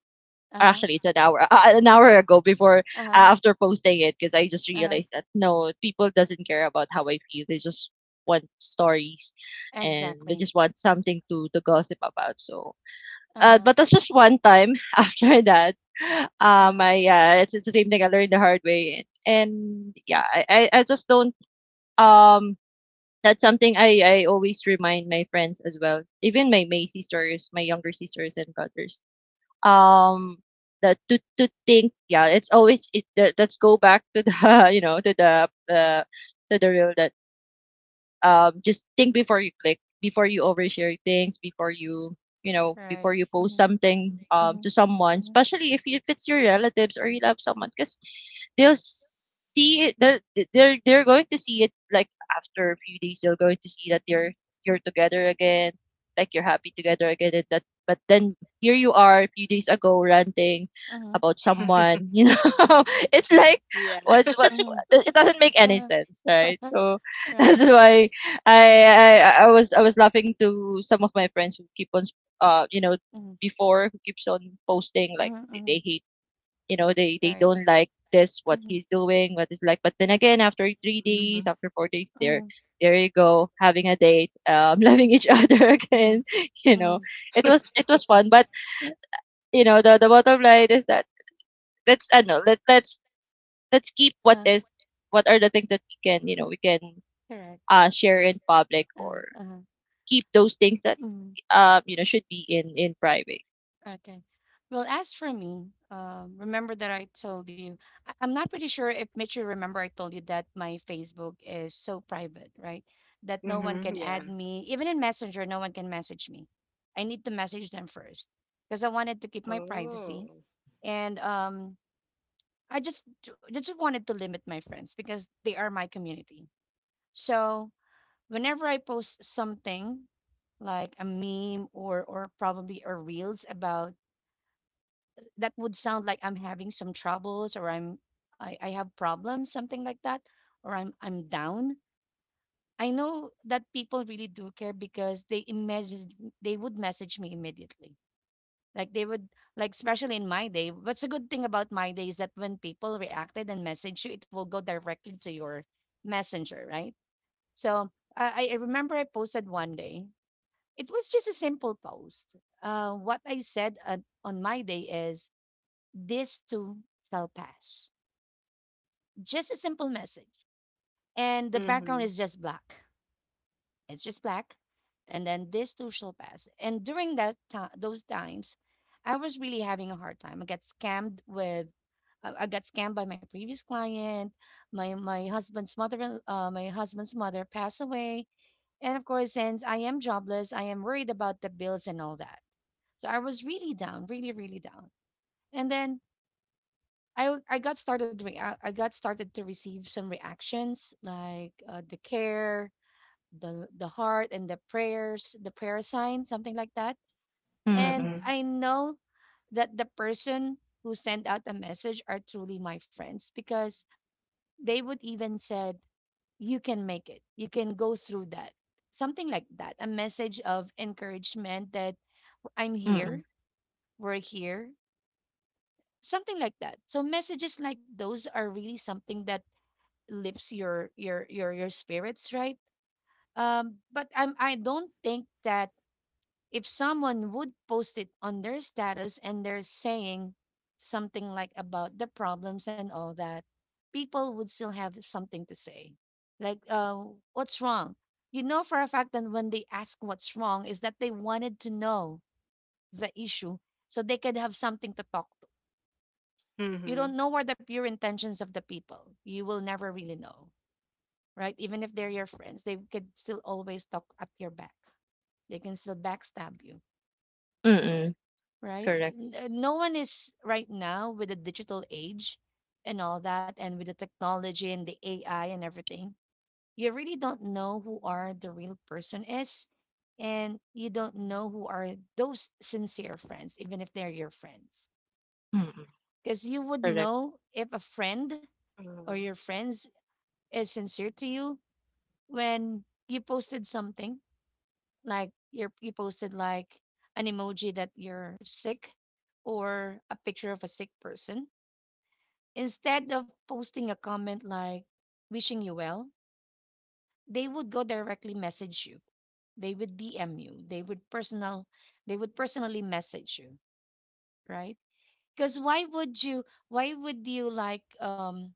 uh-huh, actually, it's an hour an hour ago, before uh-huh, after posting it, because I just uh-huh, realized that, no, people doesn't care about how I feel, they just want stories, and they exactly. just want something to gossip about. So Uh-huh. but that's just one time. After that, Uh-huh. I, yeah, it's the same thing I learned the hard way, and yeah, I just don't um. That's something I always remind my friends as well, even my sisters, my younger sisters and brothers. Um, that, to think, yeah, it's always it. Let's go back to the to the real, just think before you click, before you overshare things, before you you know before Right. you post Mhm. something, to Mhm. someone, Mhm. especially if it's your relatives or you love someone, because they'll see it. They're going to see it like after a few days. They're going to see that you're together again, like you're happy together again. And that, but then here you are a few days ago ranting Mhm. about someone. You know, it's Yeah. like what's Mhm. it doesn't make any Uh-huh. sense, right? So that's Right. why I was laughing to some of my friends who keep on uh you know Mhm. before who keeps on posting like Mhm. they Mhm. hate, you know, they Right. don't like this, what Mhm. he's doing, what is like. But then again, after 3 days, Mm-hmm. after 4 days, Mhm. there you go having a date, loving each other Mhm. again. You know, Mhm. It was fun. But you know, the bottom line is that let's I know let let's let's keep what Uh, is, what are the things that we can, you know, we can Correct. Share in public, or Uh-huh. keep those things that, Mhm. Should be in private. Okay. Well, as for me, remember that I told you, I'm not pretty sure if Mitchell remember I told you that my Facebook is so private, right? That no one Mm-hmm. can Yeah. add me, even in Messenger, no one can message me. I need to message them first because I wanted to keep my privacy. Oh. And I just just wanted to limit my friends because they are my community. So whenever I post something like a meme or probably or reels about that would sound like I'm having some troubles or I have problems, something like that, or I'm down. I know that people really do care because they would message me immediately. Like they would, like especially in my day. What's a good thing about my day is that when people reacted and message you, it will go directly to your messenger, right? So I remember I posted one day. It was just a simple post. What I said on my day is this too shall pass. Just a simple message. And the background Mm-hmm. is just black. It's just black. And then this too shall pass. And during that time, those times, I was really having a hard time. I got scammed with, I got scammed by my previous client. My husband's mother passed away, and of course, since I am jobless, I am worried about the bills and all that. So I was really down, really, really down. And then I got started to receive some reactions like the care, the heart, and the prayers, the prayer sign, something like that. And Mm-mm. Mm-hmm. I know that the person who sent out the message are truly my friends because they would even said, "You can make it. You can go through that." Something like that. A message of encouragement that I'm Mm-mm. here, we're here, something like that. So messages like those are really something that lifts your spirits, right? But I don't think that if someone would post it on their status and they're saying something like about the problems and all that, people would still have something to say. Like, what's wrong? You know for a fact that when they ask what's wrong is that they wanted to know the issue so they could have something to talk to. You Mm-hmm. don't know what the pure intentions of the people. You will never really know, right? Even if they're your friends, they could still always talk at your back. They can still backstab you, Mm-mm. right? Correct. No one is right now with the digital age and all that, and with the technology and the AI and everything. You really don't know who are the real person is, and you don't know who are those sincere friends, even if they're your friends. Mm-mm. Because you would Correct. know if a friend Mm-hmm. or your friends is sincere to you when you posted something like you posted like an emoji that you're sick or a picture of a sick person, instead of posting a comment like wishing you well, they would go directly message you, they would dm you, they would personally message you, right? Because why would you like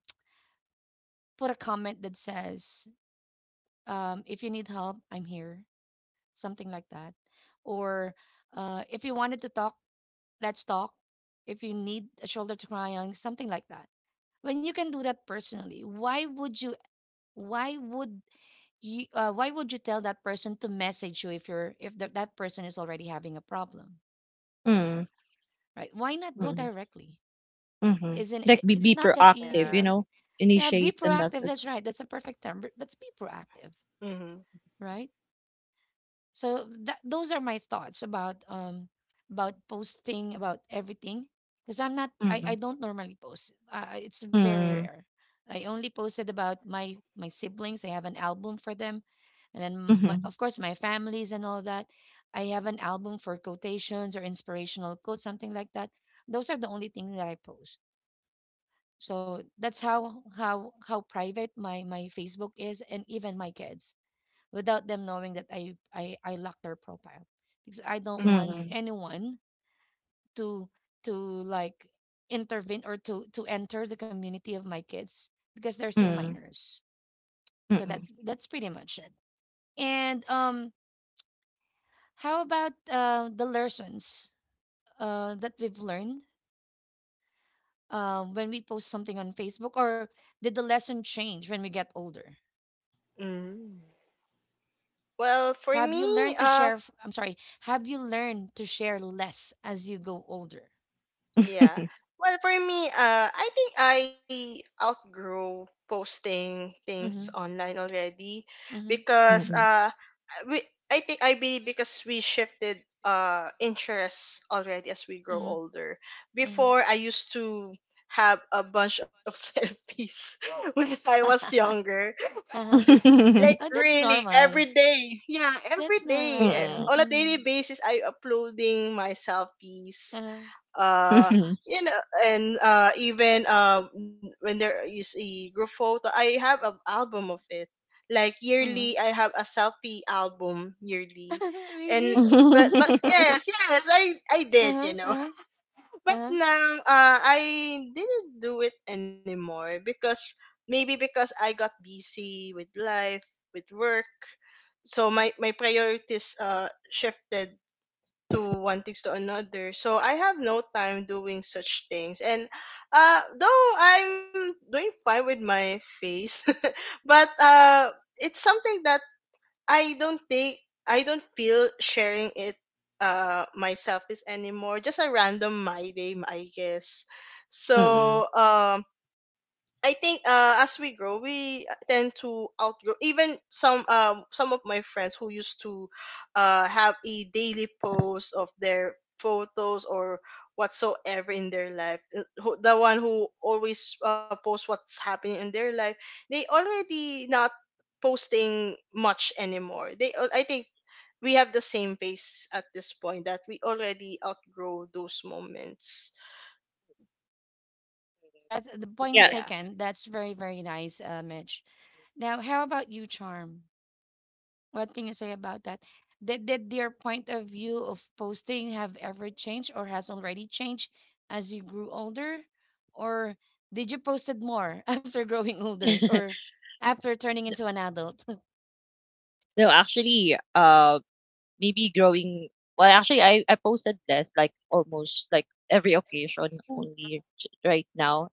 put a comment that says if you need help I'm here, something like that, or if you wanted to talk, let's talk, if you need a shoulder to cry on, something like that. When you can do that personally, why would you? Why would why would you tell that person to message you if you're if th- that person is already having a problem, Mm-mm. right? Why not go mm directly? hmm Isn't Like it? It's be not that Yeah. easy, proactive, you right? know, Yeah, be initiate the proactive. That's message. right. That's a perfect term. Let's be proactive, Mm-hmm. right? So that those are my thoughts about posting about everything because I'm not I, I Mm-mm. don't normally post. It's very Mm-mm. rare. I only posted about my siblings. I have an album for them, and then my, Mm-hmm. of course my families and all that. I have an album for quotations or inspirational quotes, something like that. Those are the only things that I post. So that's how private my my Facebook is, and even my kids without them knowing that I lock their profile because I don't want Mm-hmm. anyone to to like intervene or to enter the community of my kids because they're still Mm-mm. minors. Mm-mm. So Mm-mm. That's pretty much it. And how about the lessons that we've learned when we post something on Facebook, or did the lesson change when we get older? Mm-hmm. Well, for Have you me, learned to share? I'm sorry. Have you learned to share less as you go older? yeah. Well, for me, I think I outgrew posting things Mm-hmm, online already mm-hmm. because, Mm-mm. We, I think I believe, because we shifted interests already as we grow Hmm. older. Hmm. Before, I used to have a bunch of selfies when I was younger. Uh-huh. Like Oh, that's really, every normal. day. Yeah, every That's day, normal, eh, right? Mm-mm. on a Mm-hmm. daily basis, I uploading my selfies, Uh-huh. uh Mm-mm. you know. And even when there is a group photo, I have an album of it, like yearly, I have a selfie album yearly. Mm-hmm. And, Really? But yes, yes, S- I did, you Uh-huh. know. Uh-huh. But Uh-huh. now I didn't do it anymore because maybe because I got busy with life, with work. So my priorities shifted to one things to another. So I have no time doing such things. And though I'm doing fine with my face, but it's something that I don't think, I don't feel sharing it, myself is anymore. Just a random my day, I guess. Mm-mm. So I think, as we grow, we tend to outgrow. Even some, some of my friends who used to have a daily post of their photos or whatsoever in their life, the one who always posts what's happening in their life, they already not posting much anymore. I think we have the same pace at this point, that we already outgrow those moments. That's the point Yeah. Yeah. taken. That's very, very nice, Mitch. Now, how about you, Charm? What can you say about that? Did your point of view of posting have ever changed or has already changed as you grew older? Or did you posted more after growing older or after turning into an adult? No, actually, maybe growing. Well, actually, I posted less, like almost like every occasion only right now,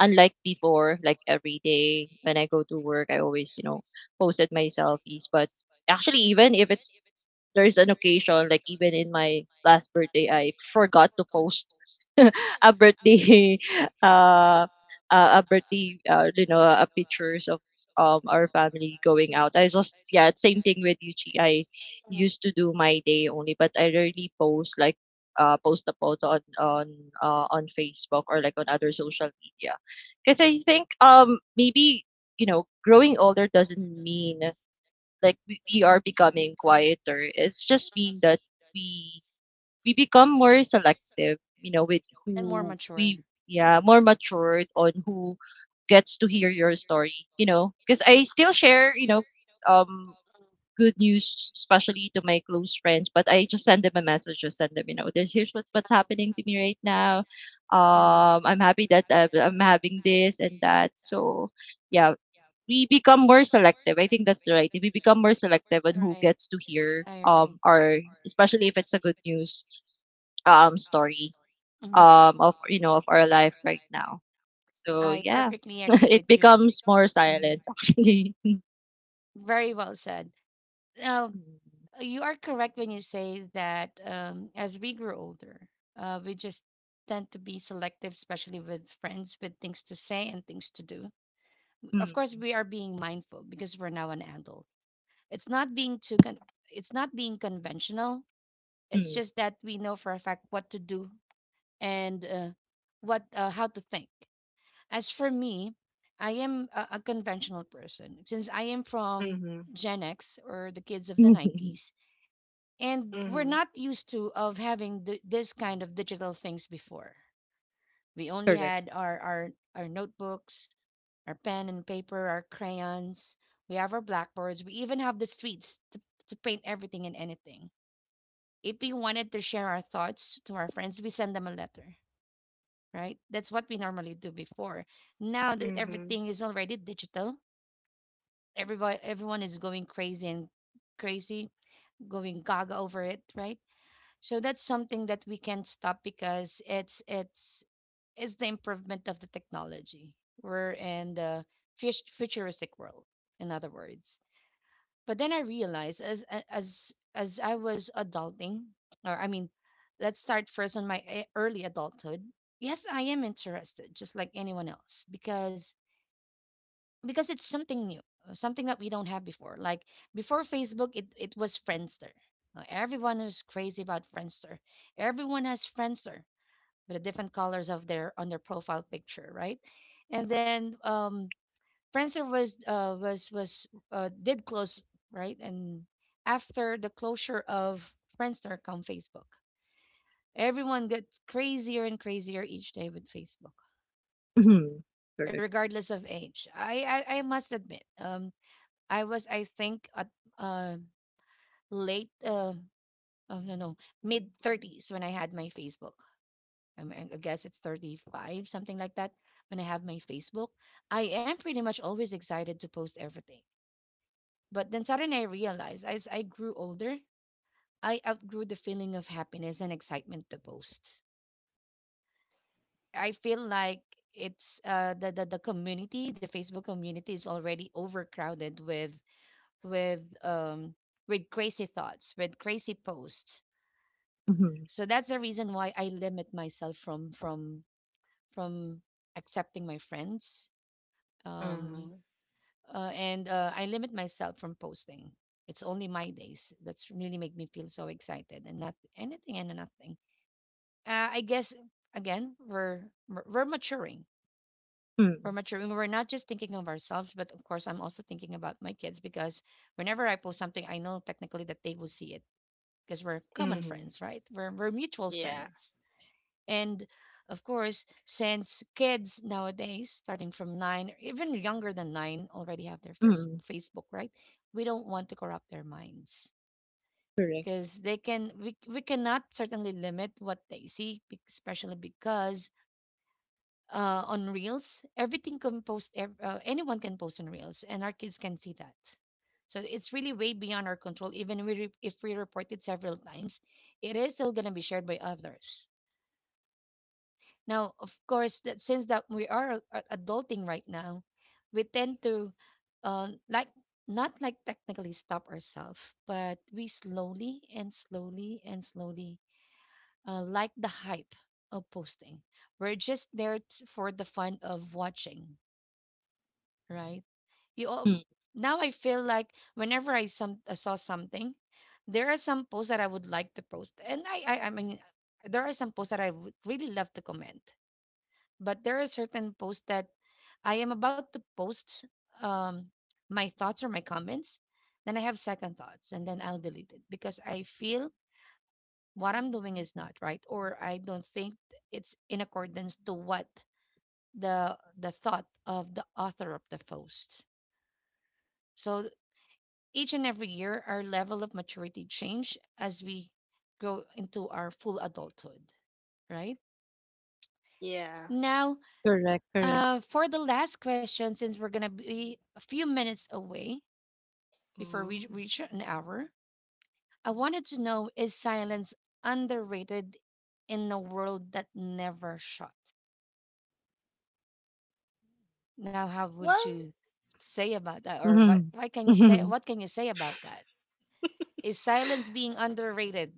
unlike before, like every day when I go to work, I always, you know, posted my selfies. But actually, even if it's there's an occasion, like even in my last birthday, I forgot to post a birthday, uh, a birthday, pictures of our family going Mhm, out. I just, yeah, same thing with Yuchi. I mhm. used to do my day only, but I rarely post, like post a photo on on Facebook or like on other social media, because I think, maybe, you know, growing older doesn't mean like we are becoming quieter. It's Mhm. just mean that we we become more selective, you know, with And more who mature. we, yeah, more matured on who gets to hear your story, you know. Because I still share, you know, um Mhm, the, good news, especially to my close friends, but I just send them a message, just send them, you know, "This- here's you what, what's uh-huh. happening to me right now. Uh-huh. I'm happy that I I'm am having this and that." So yeah, we become more selective. I think that's the right thing. We become more selective on right. who when gets to hear it I agree. our, especially if it's a good news story Mhm. Of, you know, of our life right now. So I yeah, perfectly agree with it it you. becomes more Hmm. silence actually. Very well said. Now, you are correct when you say that as we grow older, we just tend to be selective, especially with friends, with things to say and things to do. Of course, Mm, we are being mindful because we're now an adult. It's not being too con- it's not being conventional. It's mm, just that we know for a fact what to do and what how to think. As for me, I am a conventional person since I am from Mhm. Gen X or the kids of the mm. 90s, and we're Mhm. not used to of having this kind of digital things before. We only Correct. had our notebooks, our pen and paper, our crayons. We have our blackboards. We even have the streets to paint everything and anything. If we wanted to share our thoughts to our friends, we send them a letter, right? That's what we normally do before. Now that Mhm. everything is already digital, everybody everyone is going crazy, going gaga over it, right? So that's something that we can't stop because it's the improvement of the technology. We're in the futuristic world, in other words. But then I realized as as I was adulting, or I mean, let's start first on my early adulthood. Yes, I am interested, just like anyone else, because it's something new, something that we don't have before. Like before Facebook, it was Friendster. Everyone is crazy about Friendster. Everyone has Friendster with the different colors of their on their profile picture, right? And then Friendster was was did close right, and after the closure of Friendster come Facebook. Everyone gets crazier and crazier each day with Facebook, Mhm. Correct. regardless of age. I must admit, I was I think at uh late uh oh no no mid 30s when I had my Facebook. I mean, I guess it's 35, something like that, when I have my Facebook. I am pretty much always excited to post everything. But then suddenly I realized as I grew older, I outgrew the feeling of happiness and excitement to post. I feel like it's the community, the Facebook community is already overcrowded with um with crazy thoughts, with crazy posts. Mhm. So that's the reason why I limit myself from accepting my friends. Mm-hmm. Um and I limit myself from posting. It's only my days. That's really make me feel so excited and not anything and nothing. I guess again we're maturing. We're Mm, maturing. We're not just thinking of ourselves, but of course I'm also thinking about my kids because whenever I post something, I know technically that they will see it because we're common Mm-hmm. friends, right? We're mutual Yeah. friends. And of course, since kids nowadays, starting from nine, or even younger than nine, already have their first mm. Facebook, right? We don't want to corrupt their minds Correct. because they can, we cannot certainly limit what they see, especially because on Reels, everything can post, anyone can post on Reels, and our kids can see that. So it's really way beyond our control. Even if we report it several times, it is still going to be shared by others. Now, of course, that since that we are adulting right now, we tend to like not like technically stop ourselves, but we slowly and slowly and slowly like the hype of posting. We're just there for the fun of watching, right? You all Mm. now I like whenever some I saw something, there are some posts that I would like to post, and I mean there are some posts that I would really love to comment, but there are certain posts that I am about um, my thoughts or my comments, then I have second thoughts and then I'll delete it because I feel what I'm doing is not right or I don't think it's in accordance to what the thought of the author of the post. So each and every year our level of maturity change as we grow into our full adulthood, right? Yeah. Now, Correct. Correct. For the last question, since we're gonna be a few minutes away before we Mm. reach an hour, I wanted to know is silence underrated in a world that never shut? Now, how Well, would you say about that, or what? Mhm. Why can you say? Mhm. What can you say about that? Is silence being underrated?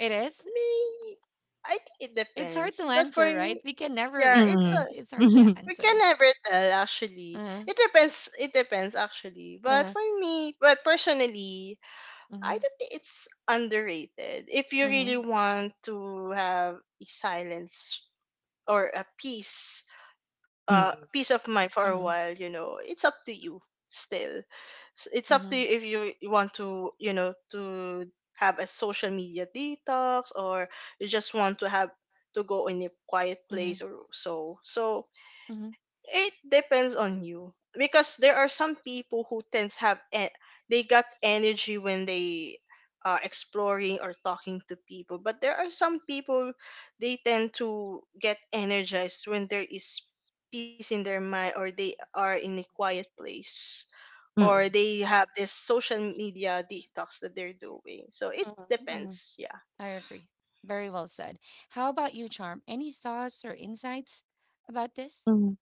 It is. me, I think it It's hard depends. to But for answer, right? me, We can never yeah, really it's tell. a, Mm. It's hard to we Mhm. can answer. never tell, actually. Uh huh. It depends. It depends, actually. Uh But for huh. me, but personally, I Mhm. don't think it's underrated. If you really Mhm. want to have a silence, or a peace, Mm. peace of mind for a Mhm. while, you know, it's up to you. Still, it's Mhm. up to you if you want to, you know, to have a social media detox, or you just want to have to go in a quiet Mhm. place, or so. So Mhm. it depends on you, because there are some people who tends have, they got energy when they are exploring or talking to people. But there are some people, they tend to get energized when there is peace in their mind, or they are in a quiet place, or they have this social media detox that they're doing. So it Mhm. Mhm. depends, yeah. I agree. Very well said. How about you, Charm? Any thoughts or insights about this? Mm.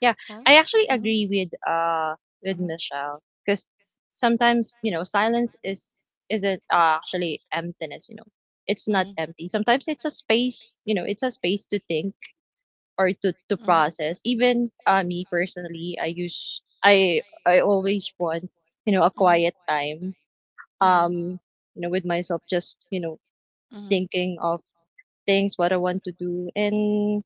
Yeah, Huh? I actually Uh-huh. agree with Uh-huh. Michelle, because sometimes, you know, silence is, isn't, actually, emptiness. You know, it's Uh-huh. not Uh-huh. empty. Sometimes it's a space. You know, it's a space to think or to process. Even, me personally, I use I always want, you know, a Uh-huh. quiet time. Uh-huh. Um, you know, with myself, just, you know, Uh-huh. thinking of things what I want to do. And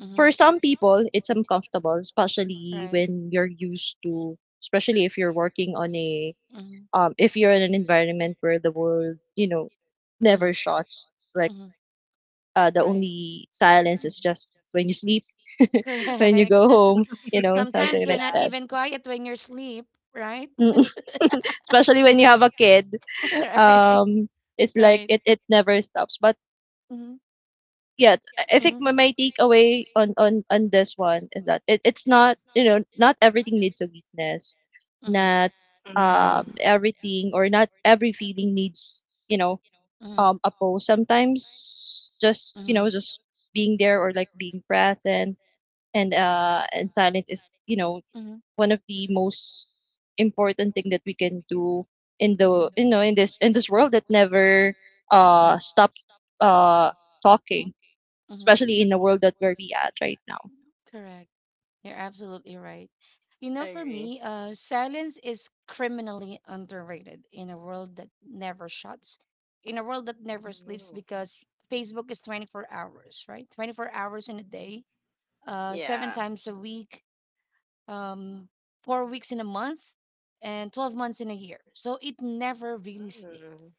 Uh-huh. for some people, it's uncomfortable, especially Right. when you're used to, especially if you're working on a, Mm-hmm. If you're in an environment where the world, you know, Mm-hmm. never shuts. Like Mm-hmm. The Right. only silence is just when you sleep, when you Correct. go home, you know, Sometimes something you're like not Yeah. that. even quiet when you're asleep, right? Mm. especially when you have a kid, Right. um, it's like it never stops. But Right. yeah, it's- I think Mm-hmm. my, my takeaway on, on this one is that it's not, you know, not everything needs a weakness. Mm-hmm. Not Mm-hmm. Everything, or not every feeling needs, you know, Mm-hmm. A pose. Sometimes, just, you Mm-hmm. know, just being there, or like being present and silent is, you know, Mm-hmm. one of the most important thing that we can do in in Hmm. the, you know, in this world that never Hmm. stop uh talking, Hmm. especially in the world that where we at right now. Correct. You're absolutely right. You know, I for agree. me, silence is criminally underrated in a world that never shuts, in a world that never sleeps Mm. because Facebook is 24 hours, right? 24 hours in a day, seven Yeah. times a week, um, 4 weeks in a month, and 12 months in a year. So it never really sleeps. Mm.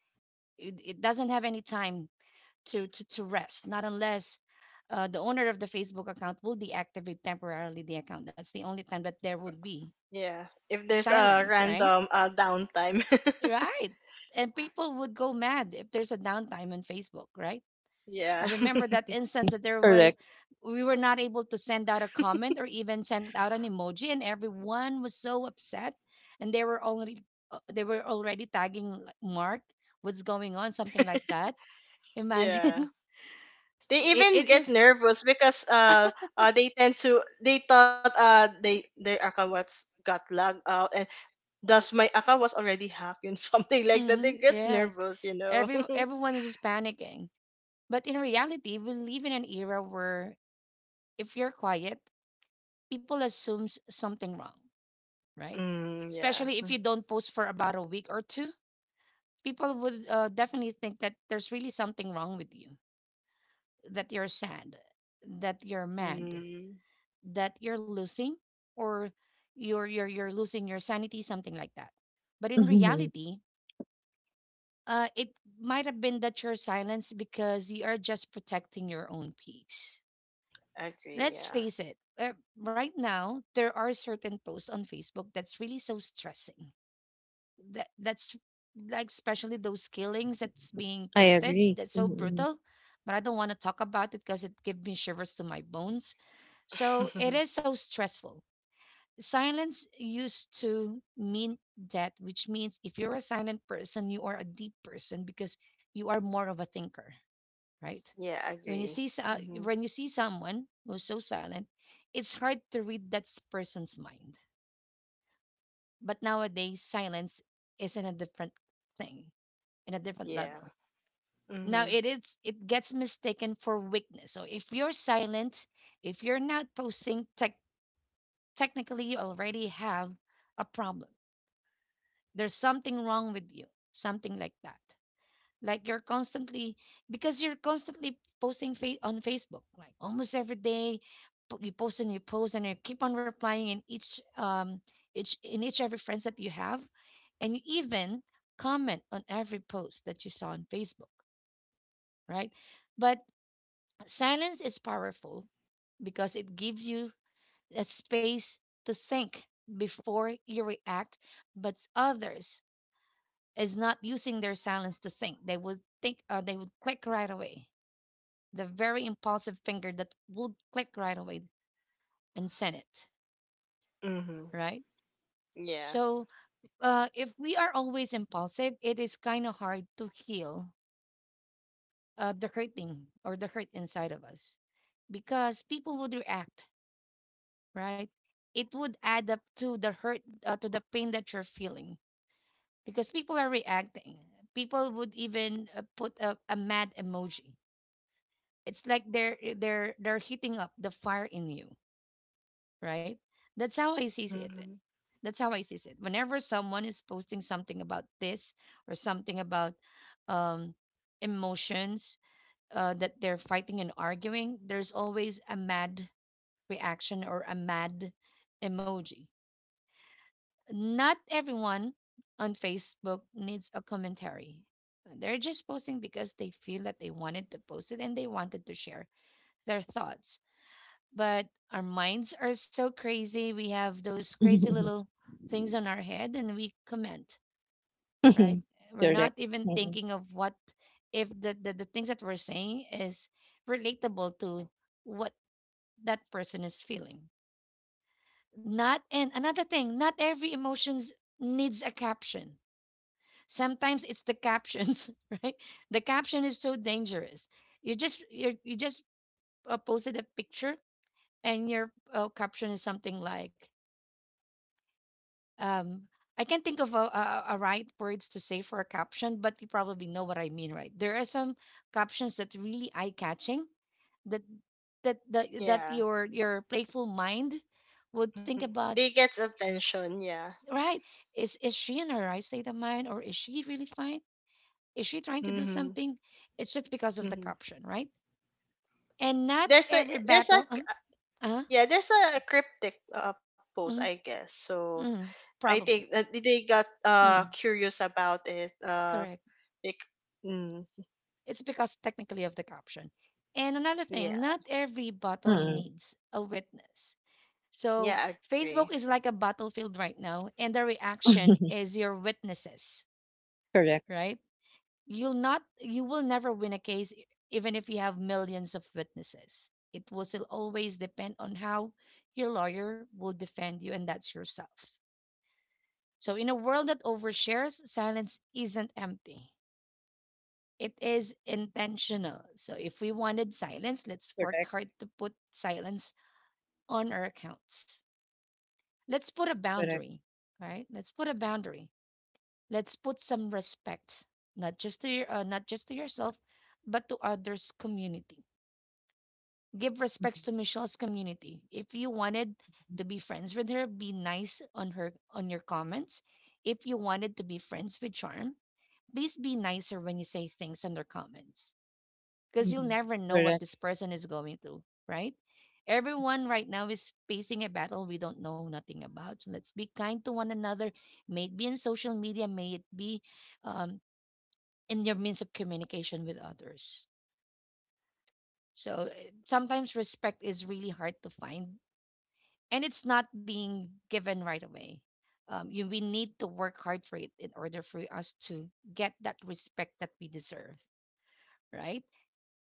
It doesn't have any time to rest, not unless the owner of the Facebook account will deactivate temporarily the account. That's the only time that there would be Yeah. If there's a silence, right? random, downtime. Right. And people would go mad if there's a downtime on Facebook, right? I Yeah. remember that instance that there was Correct. we were not able to send out a comment or even send out an emoji and everyone was so upset and they were already tagging like, Mark, what's going on something like that. Yeah. Imagine. They it even it get is. nervous because, they tend to, they thought they their account was got logged out, and thus my account was already hacked and something like that. They get Yes. nervous, you know. Everyone is just panicking. But in reality, we live in an era where if you're quiet, people assumes something wrong, right? Mm, yeah. Especially if you don't post for about a week or two, people would definitely think that there's really something wrong with you, that you're sad, that you're mad, Mm, that you're losing, or you're losing your sanity, something like that. But in Mhm. reality, it might have been that you're silenced because you are just protecting your own peace. agree, Let's yeah. face it. Right now, there are certain posts on Facebook that's really so stressing that that's like, especially those killings that's being I posted agree. that's so Mhm. brutal. But I don't want to talk about it because it gives me shivers to my bones. So it is so stressful. Silence used to mean that, which means if you're a silent person, you are a deep person because you are more of a thinker, right? Yeah, When you agree. see Mm-hmm. when you see someone who's so silent, it's hard to read that person's mind. But nowadays silence isn't a different thing in a different Yeah. level. Now Mm-hmm. It gets mistaken for weakness. So if you're silent, if you're not posting, technically you already have a problem. There's something wrong with you, something like that. Like you're constantly because you're constantly posting on Facebook, like almost every day. You post and you post and you keep on replying in each every friends that you have, and you even comment on every post that you saw on Facebook, right? But silence is powerful because it gives you a space to think before you react, but others is not using their silence to think. They would click right away. The very impulsive finger that would click right away and send it, Mm-hmm. right? Yeah. So if we are always impulsive, it is kind of hard to heal the hurting or the hurt inside of us because people would react, right? It would add up to the hurt, to the pain that you're feeling because people are reacting. People would even put a mad emoji. It's like they're heating up the fire in you, right? That's how I sees it. Mm-hmm. That's how I sees it. Whenever someone is posting something about this or something about um, emotions that they're fighting and arguing, there's always a mad reaction or a mad emoji. Not everyone on Facebook needs a commentary. They're just posting because they feel that they wanted to post it and they wanted to share their thoughts. But our minds are so crazy. We have those crazy little things on our head and we comment, right? We're not Correct. even Mhm. thinking of what if the things that we're saying is relatable to what that person is feeling. Not and another thing, not every emotions needs a caption. Sometimes it's the captions, right? The caption is so dangerous. You just posted a picture and your caption is something like um I can't think of a right words to say for a caption, but you probably know what I mean, right? There are some captions that really eye catching that that that that Yeah. your your playful mind would Mhm. think about. They get attention, yeah. Right? Is she in her right state of mind, or is she really fine? Is she trying to do Mm-hmm. something? It's just because of the Mm-hmm. caption, right? And not There's a every there's a battle, uh, yeah, there's a cryptic, post, I mm, guess. So mm, I think probably. that they got Mm, curious about it. Correct. bec- mm, It's because technically of the caption. And another yeah. thing, not every battle needs a witness. So Yeah, agree. Facebook is like a battlefield right now, and Mhm. is your witnesses, Correct. right? You will never win a case even if you have millions of witnesses. It will still always depend on how your lawyer will defend you, and that's yourself. So in a world that overshares, silence isn't empty. It is intentional. So if we wanted silence, let's work Correct. hard to put silence on our accounts. Let's put a Correct. boundary, right? Let's put a boundary. Let's put some respect, not just to yourself, but to others community. Give respects to Michelle's community. If you wanted to be friends with her, be nice on her on your comments. If you wanted to be friends with Charm, please be nicer when you say things on their comments. Because you'll Mm-mm. never know what Correct. this person is going through, right? Everyone right now is facing a battle we don't know nothing about. So let's be kind to one another, may it be in social media, may it be um, in your means of communication with others. So sometimes respect is really hard to find and it's not being given right away. We need to work hard for it in order for us to get that respect that we deserve, right?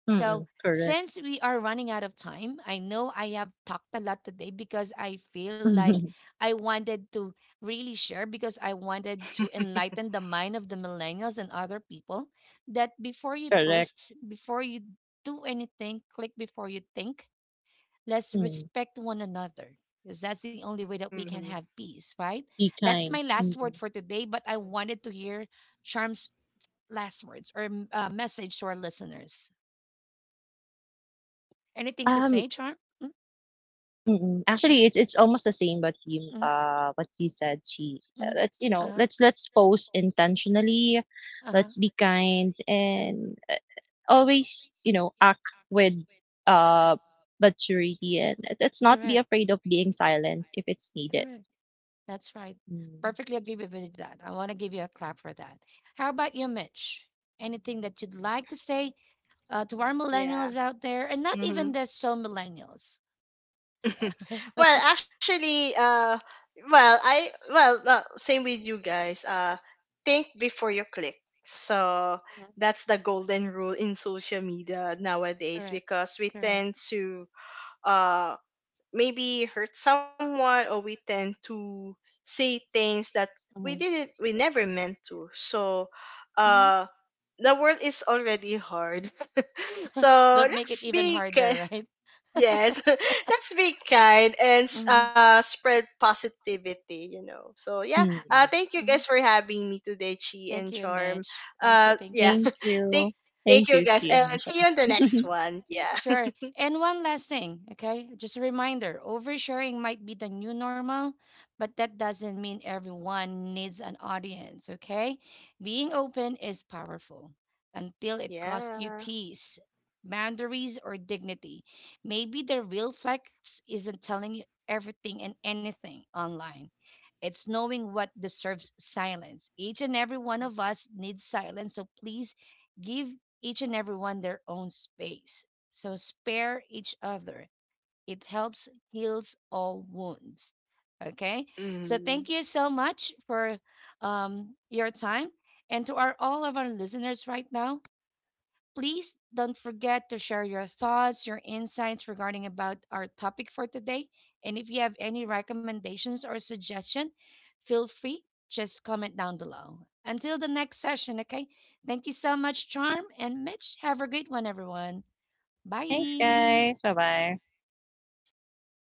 So, Correct. since we are running out of time, I know I have talked a lot today because I feel like I wanted to really share because I wanted to enlighten the mind of the millennials and other people that before you Correct. post, before you do anything, click before you think. Let's Mm. respect one another because that's the only way that we Mm-hmm. can have peace, right? Be That's my kind. last Mm-mm. word for today, but I wanted to hear Charm's last words or message to our listeners. Anything to Um. say, Charm? Mm-mm. Mhm, Actually, it's almost the same. But you, mhm, what you said, she. Mhm. Let's, you know, let's pose intentionally. Uh-huh. Let's be kind and always, you know, act with uh maturity, and let's not be afraid of being silenced if it's needed. That's right. Mm. Perfectly agree with you with that. I want to give you a clap for that. How about you, Mitch? Anything that you'd like to say to our Yeah. millennials out there, and not Mm-hmm. even the so millennials. Yeah. Well actually, well I well same with you guys, think before you click. So Mhm. that's the golden rule in social media nowadays, Correct. because we Correct. tend to uh maybe hurt someone, or we tend to say things that Hmm. We never meant to. So Hmm. uh the world is already hard, so Don't make it let's even be harder, right? yes, let's be kind, and Hmm. Spread positivity, you know. So, yeah, Mm. thank you guys Hmm. for having me today, Chi Thank and you, Charm. Mitch. Thank you. Thank Yeah, you. Thank thank, you. thank Thank you you, Chi guys, and and see Michelle. you in the next one. Yeah. Sure. And one last thing, okay? Just a reminder, oversharing might be the new normal, but that doesn't mean everyone needs an audience, okay? Being open is powerful until it costs you Yeah. peace, boundaries, or dignity. Maybe the real flex isn't telling you everything and anything online. It's knowing what deserves silence. Each and every one of us needs silence. So please give each and everyone their own space. So spare each other. It helps heals all wounds. Okay? So thank Mm, you so much for your time. And to our all of our listeners right now, please don't forget to share your thoughts, your insights regarding about our topic for today. And if you have any recommendations or suggestion, feel free just comment down below. Until the next session, okay? Thank you so much, Charm and Mitch. Have a great one, everyone. Thanks, Bye. guys. Bye bye. yeah.